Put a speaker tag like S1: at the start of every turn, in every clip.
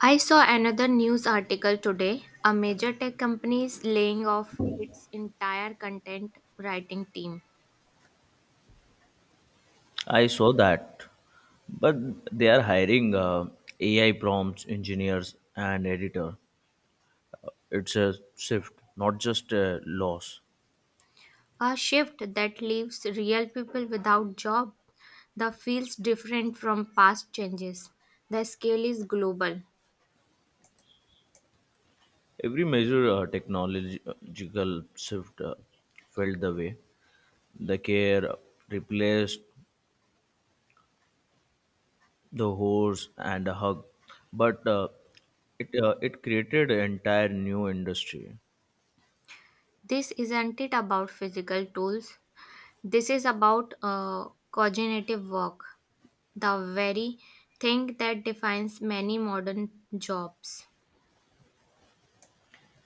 S1: I saw another news article today. A major tech company is laying off its entire content writing team.
S2: I saw that, but they are hiring AI prompts engineers and editor. It's a shift, not just a loss.
S1: A shift that leaves real people without job. The feels different from past changes. The scale is global.
S2: Every major technological shift felt the way. The care replaced the horse and the hug, but it created an entire new industry,
S1: This isn't it about physical tools. This is about cognitive work, the very thing that defines many modern jobs.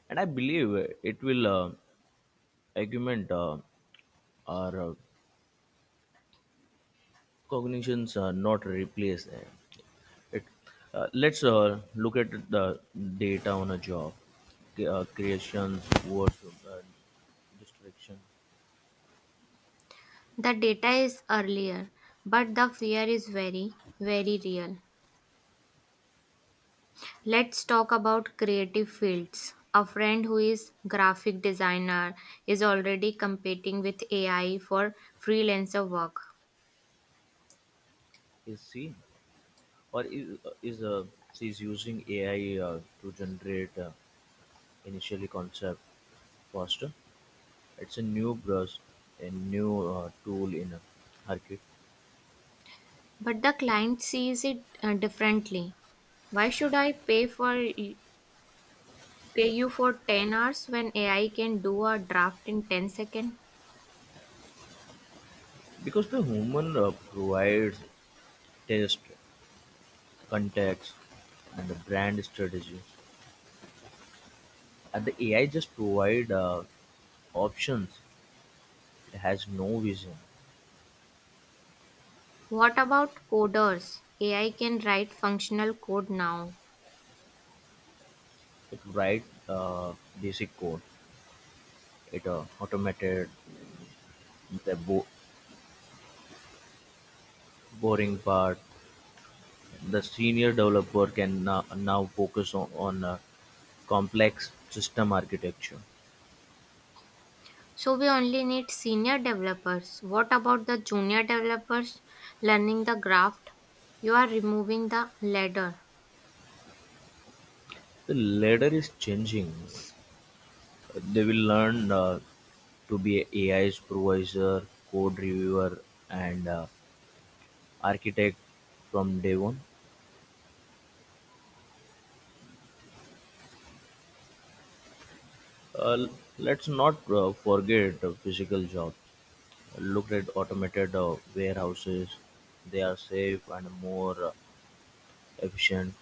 S2: and I believe it will augment our cognitions are not replaced. Eh. It, let's look at the data on a job. Creations, work, uh, distraction.
S1: The data is earlier, but the fear is very, very real. Let's talk about creative fields. A friend who is graphic designer is already competing with AI for freelancer work.
S2: Is C or is She is using AI to generate initially concept faster? It's a new brush, a new tool in her kit
S1: But the client sees it differently. Why should I pay you for 10 hours when AI can do a draft in 10 seconds?
S2: because the human provides test, context, and the brand strategy. And the AI just provide options. It has no vision.
S1: What about coders? AI can write functional code now.
S2: It write uh, basic code. It automated the boring part. The senior developer can now focus on complex system architecture.
S1: So we only need senior developers. What about the junior developers learning the graft? You are removing the ladder
S2: The ladder is changing. They will learn to be a AI supervisor, code reviewer, and architect from day one. Uh, let's not forget the physical job. Look at automated warehouses. They are safe and more efficient,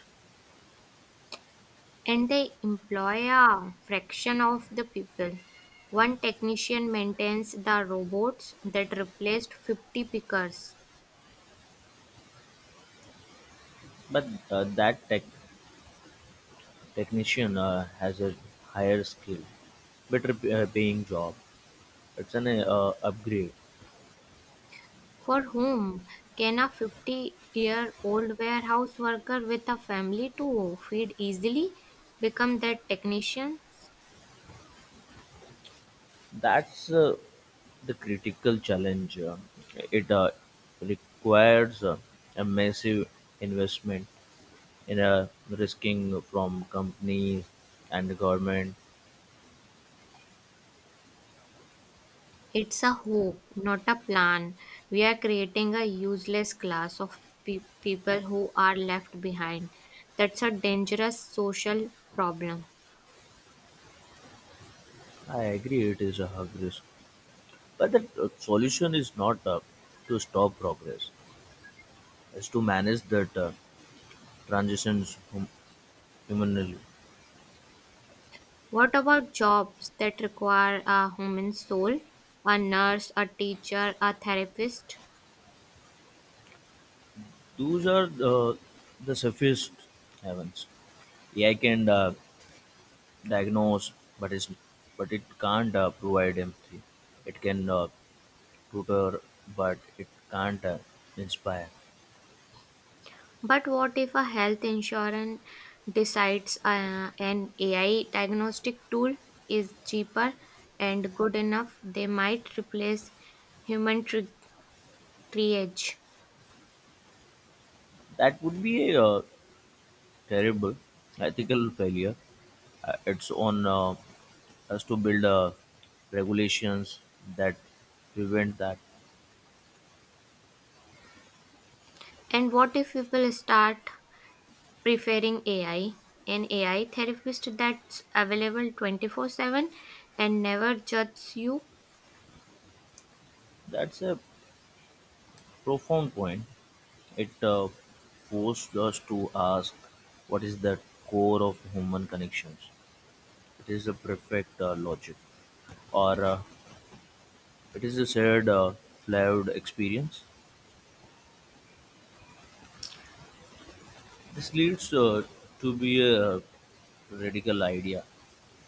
S1: and they employ a fraction of the people. One technician maintains the robots that replaced 50 pickers.
S2: but that technician has a higher skill, better paying job. It's an upgrade.
S1: For whom can a 50-year-old warehouse worker with a family to feed easily become that technician?
S2: That's the critical challenge. It requires a massive investment in a risking from companies and the government.
S1: It's a hope, not a plan. We are creating a useless class of people who are left behind. That's a dangerous social problem.
S2: I agree it is a hubris, but the solution is not to stop progress, it's to manage that transitions humanly.
S1: What about jobs that require a human soul? A nurse, a teacher, a therapist?
S2: Those are the safest heavens. AI can diagnose, but it's, but it can't provide empathy. It can tutor, but it can't inspire.
S1: But what if a health insurance decides an AI diagnostic tool is cheaper and good enough? They might replace human triage.
S2: That would be a terrible ethical failure. It's on us to build regulations that prevent that.
S1: And what if people start preferring AI, an AI therapist that's available 24/7 and never judges you?
S2: That's a profound point. It forced us to ask what is the core of human connections. It is a perfect logic, or it is a shared, flawed experience. This leads to be a radical idea.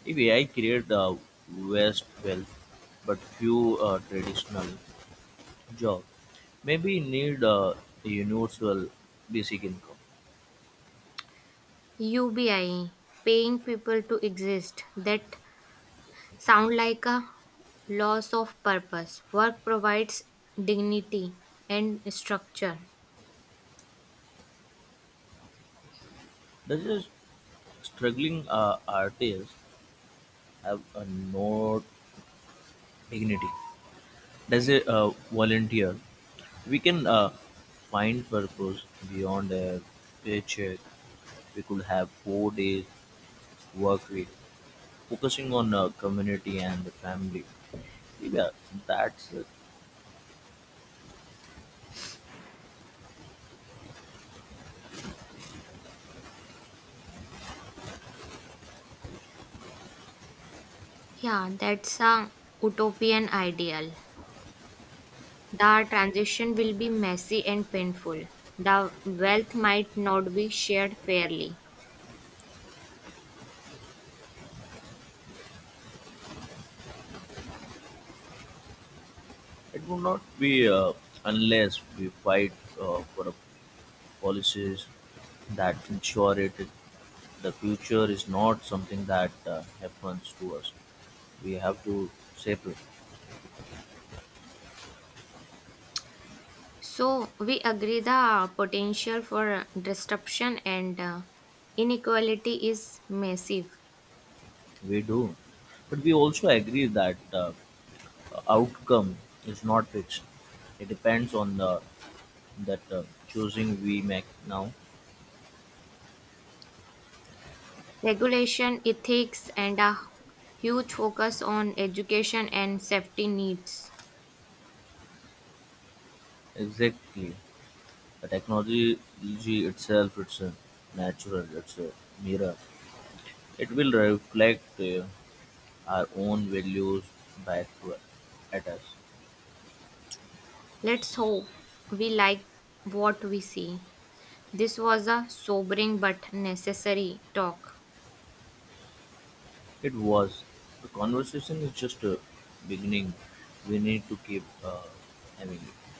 S2: If AI create vast wealth, but few traditional job, maybe you need a universal basic income.
S1: UBI, paying people to exist, that sound like a loss of purpose. Work provides dignity and structure.
S2: Does a struggling artist have a no dignity? Does a volunteer, we can find purpose beyond a paycheck. We could have 4 days work week, focusing on community and the family. Yeah, that's it.
S1: Yeah, that's a utopian ideal. The transition will be messy and painful. The wealth might not be shared fairly.
S2: It would not be unless we fight for a policies that ensure it. The future is not something that happens to us. We have to shape it.
S1: So we agree the potential for disruption and inequality is massive.
S2: We do, but we also agree that outcome is not fixed. It depends on the that choosing we make now.
S1: Regulation, ethics, and a huge focus on education and safety needs.
S2: Exactly, the technology itself, it's a natural. It's a mirror. It will reflect our own values back to at us.
S1: Let's hope we like what we see. This was a sobering but necessary talk.
S2: It was. The conversation is just beginning. We need to keep having it.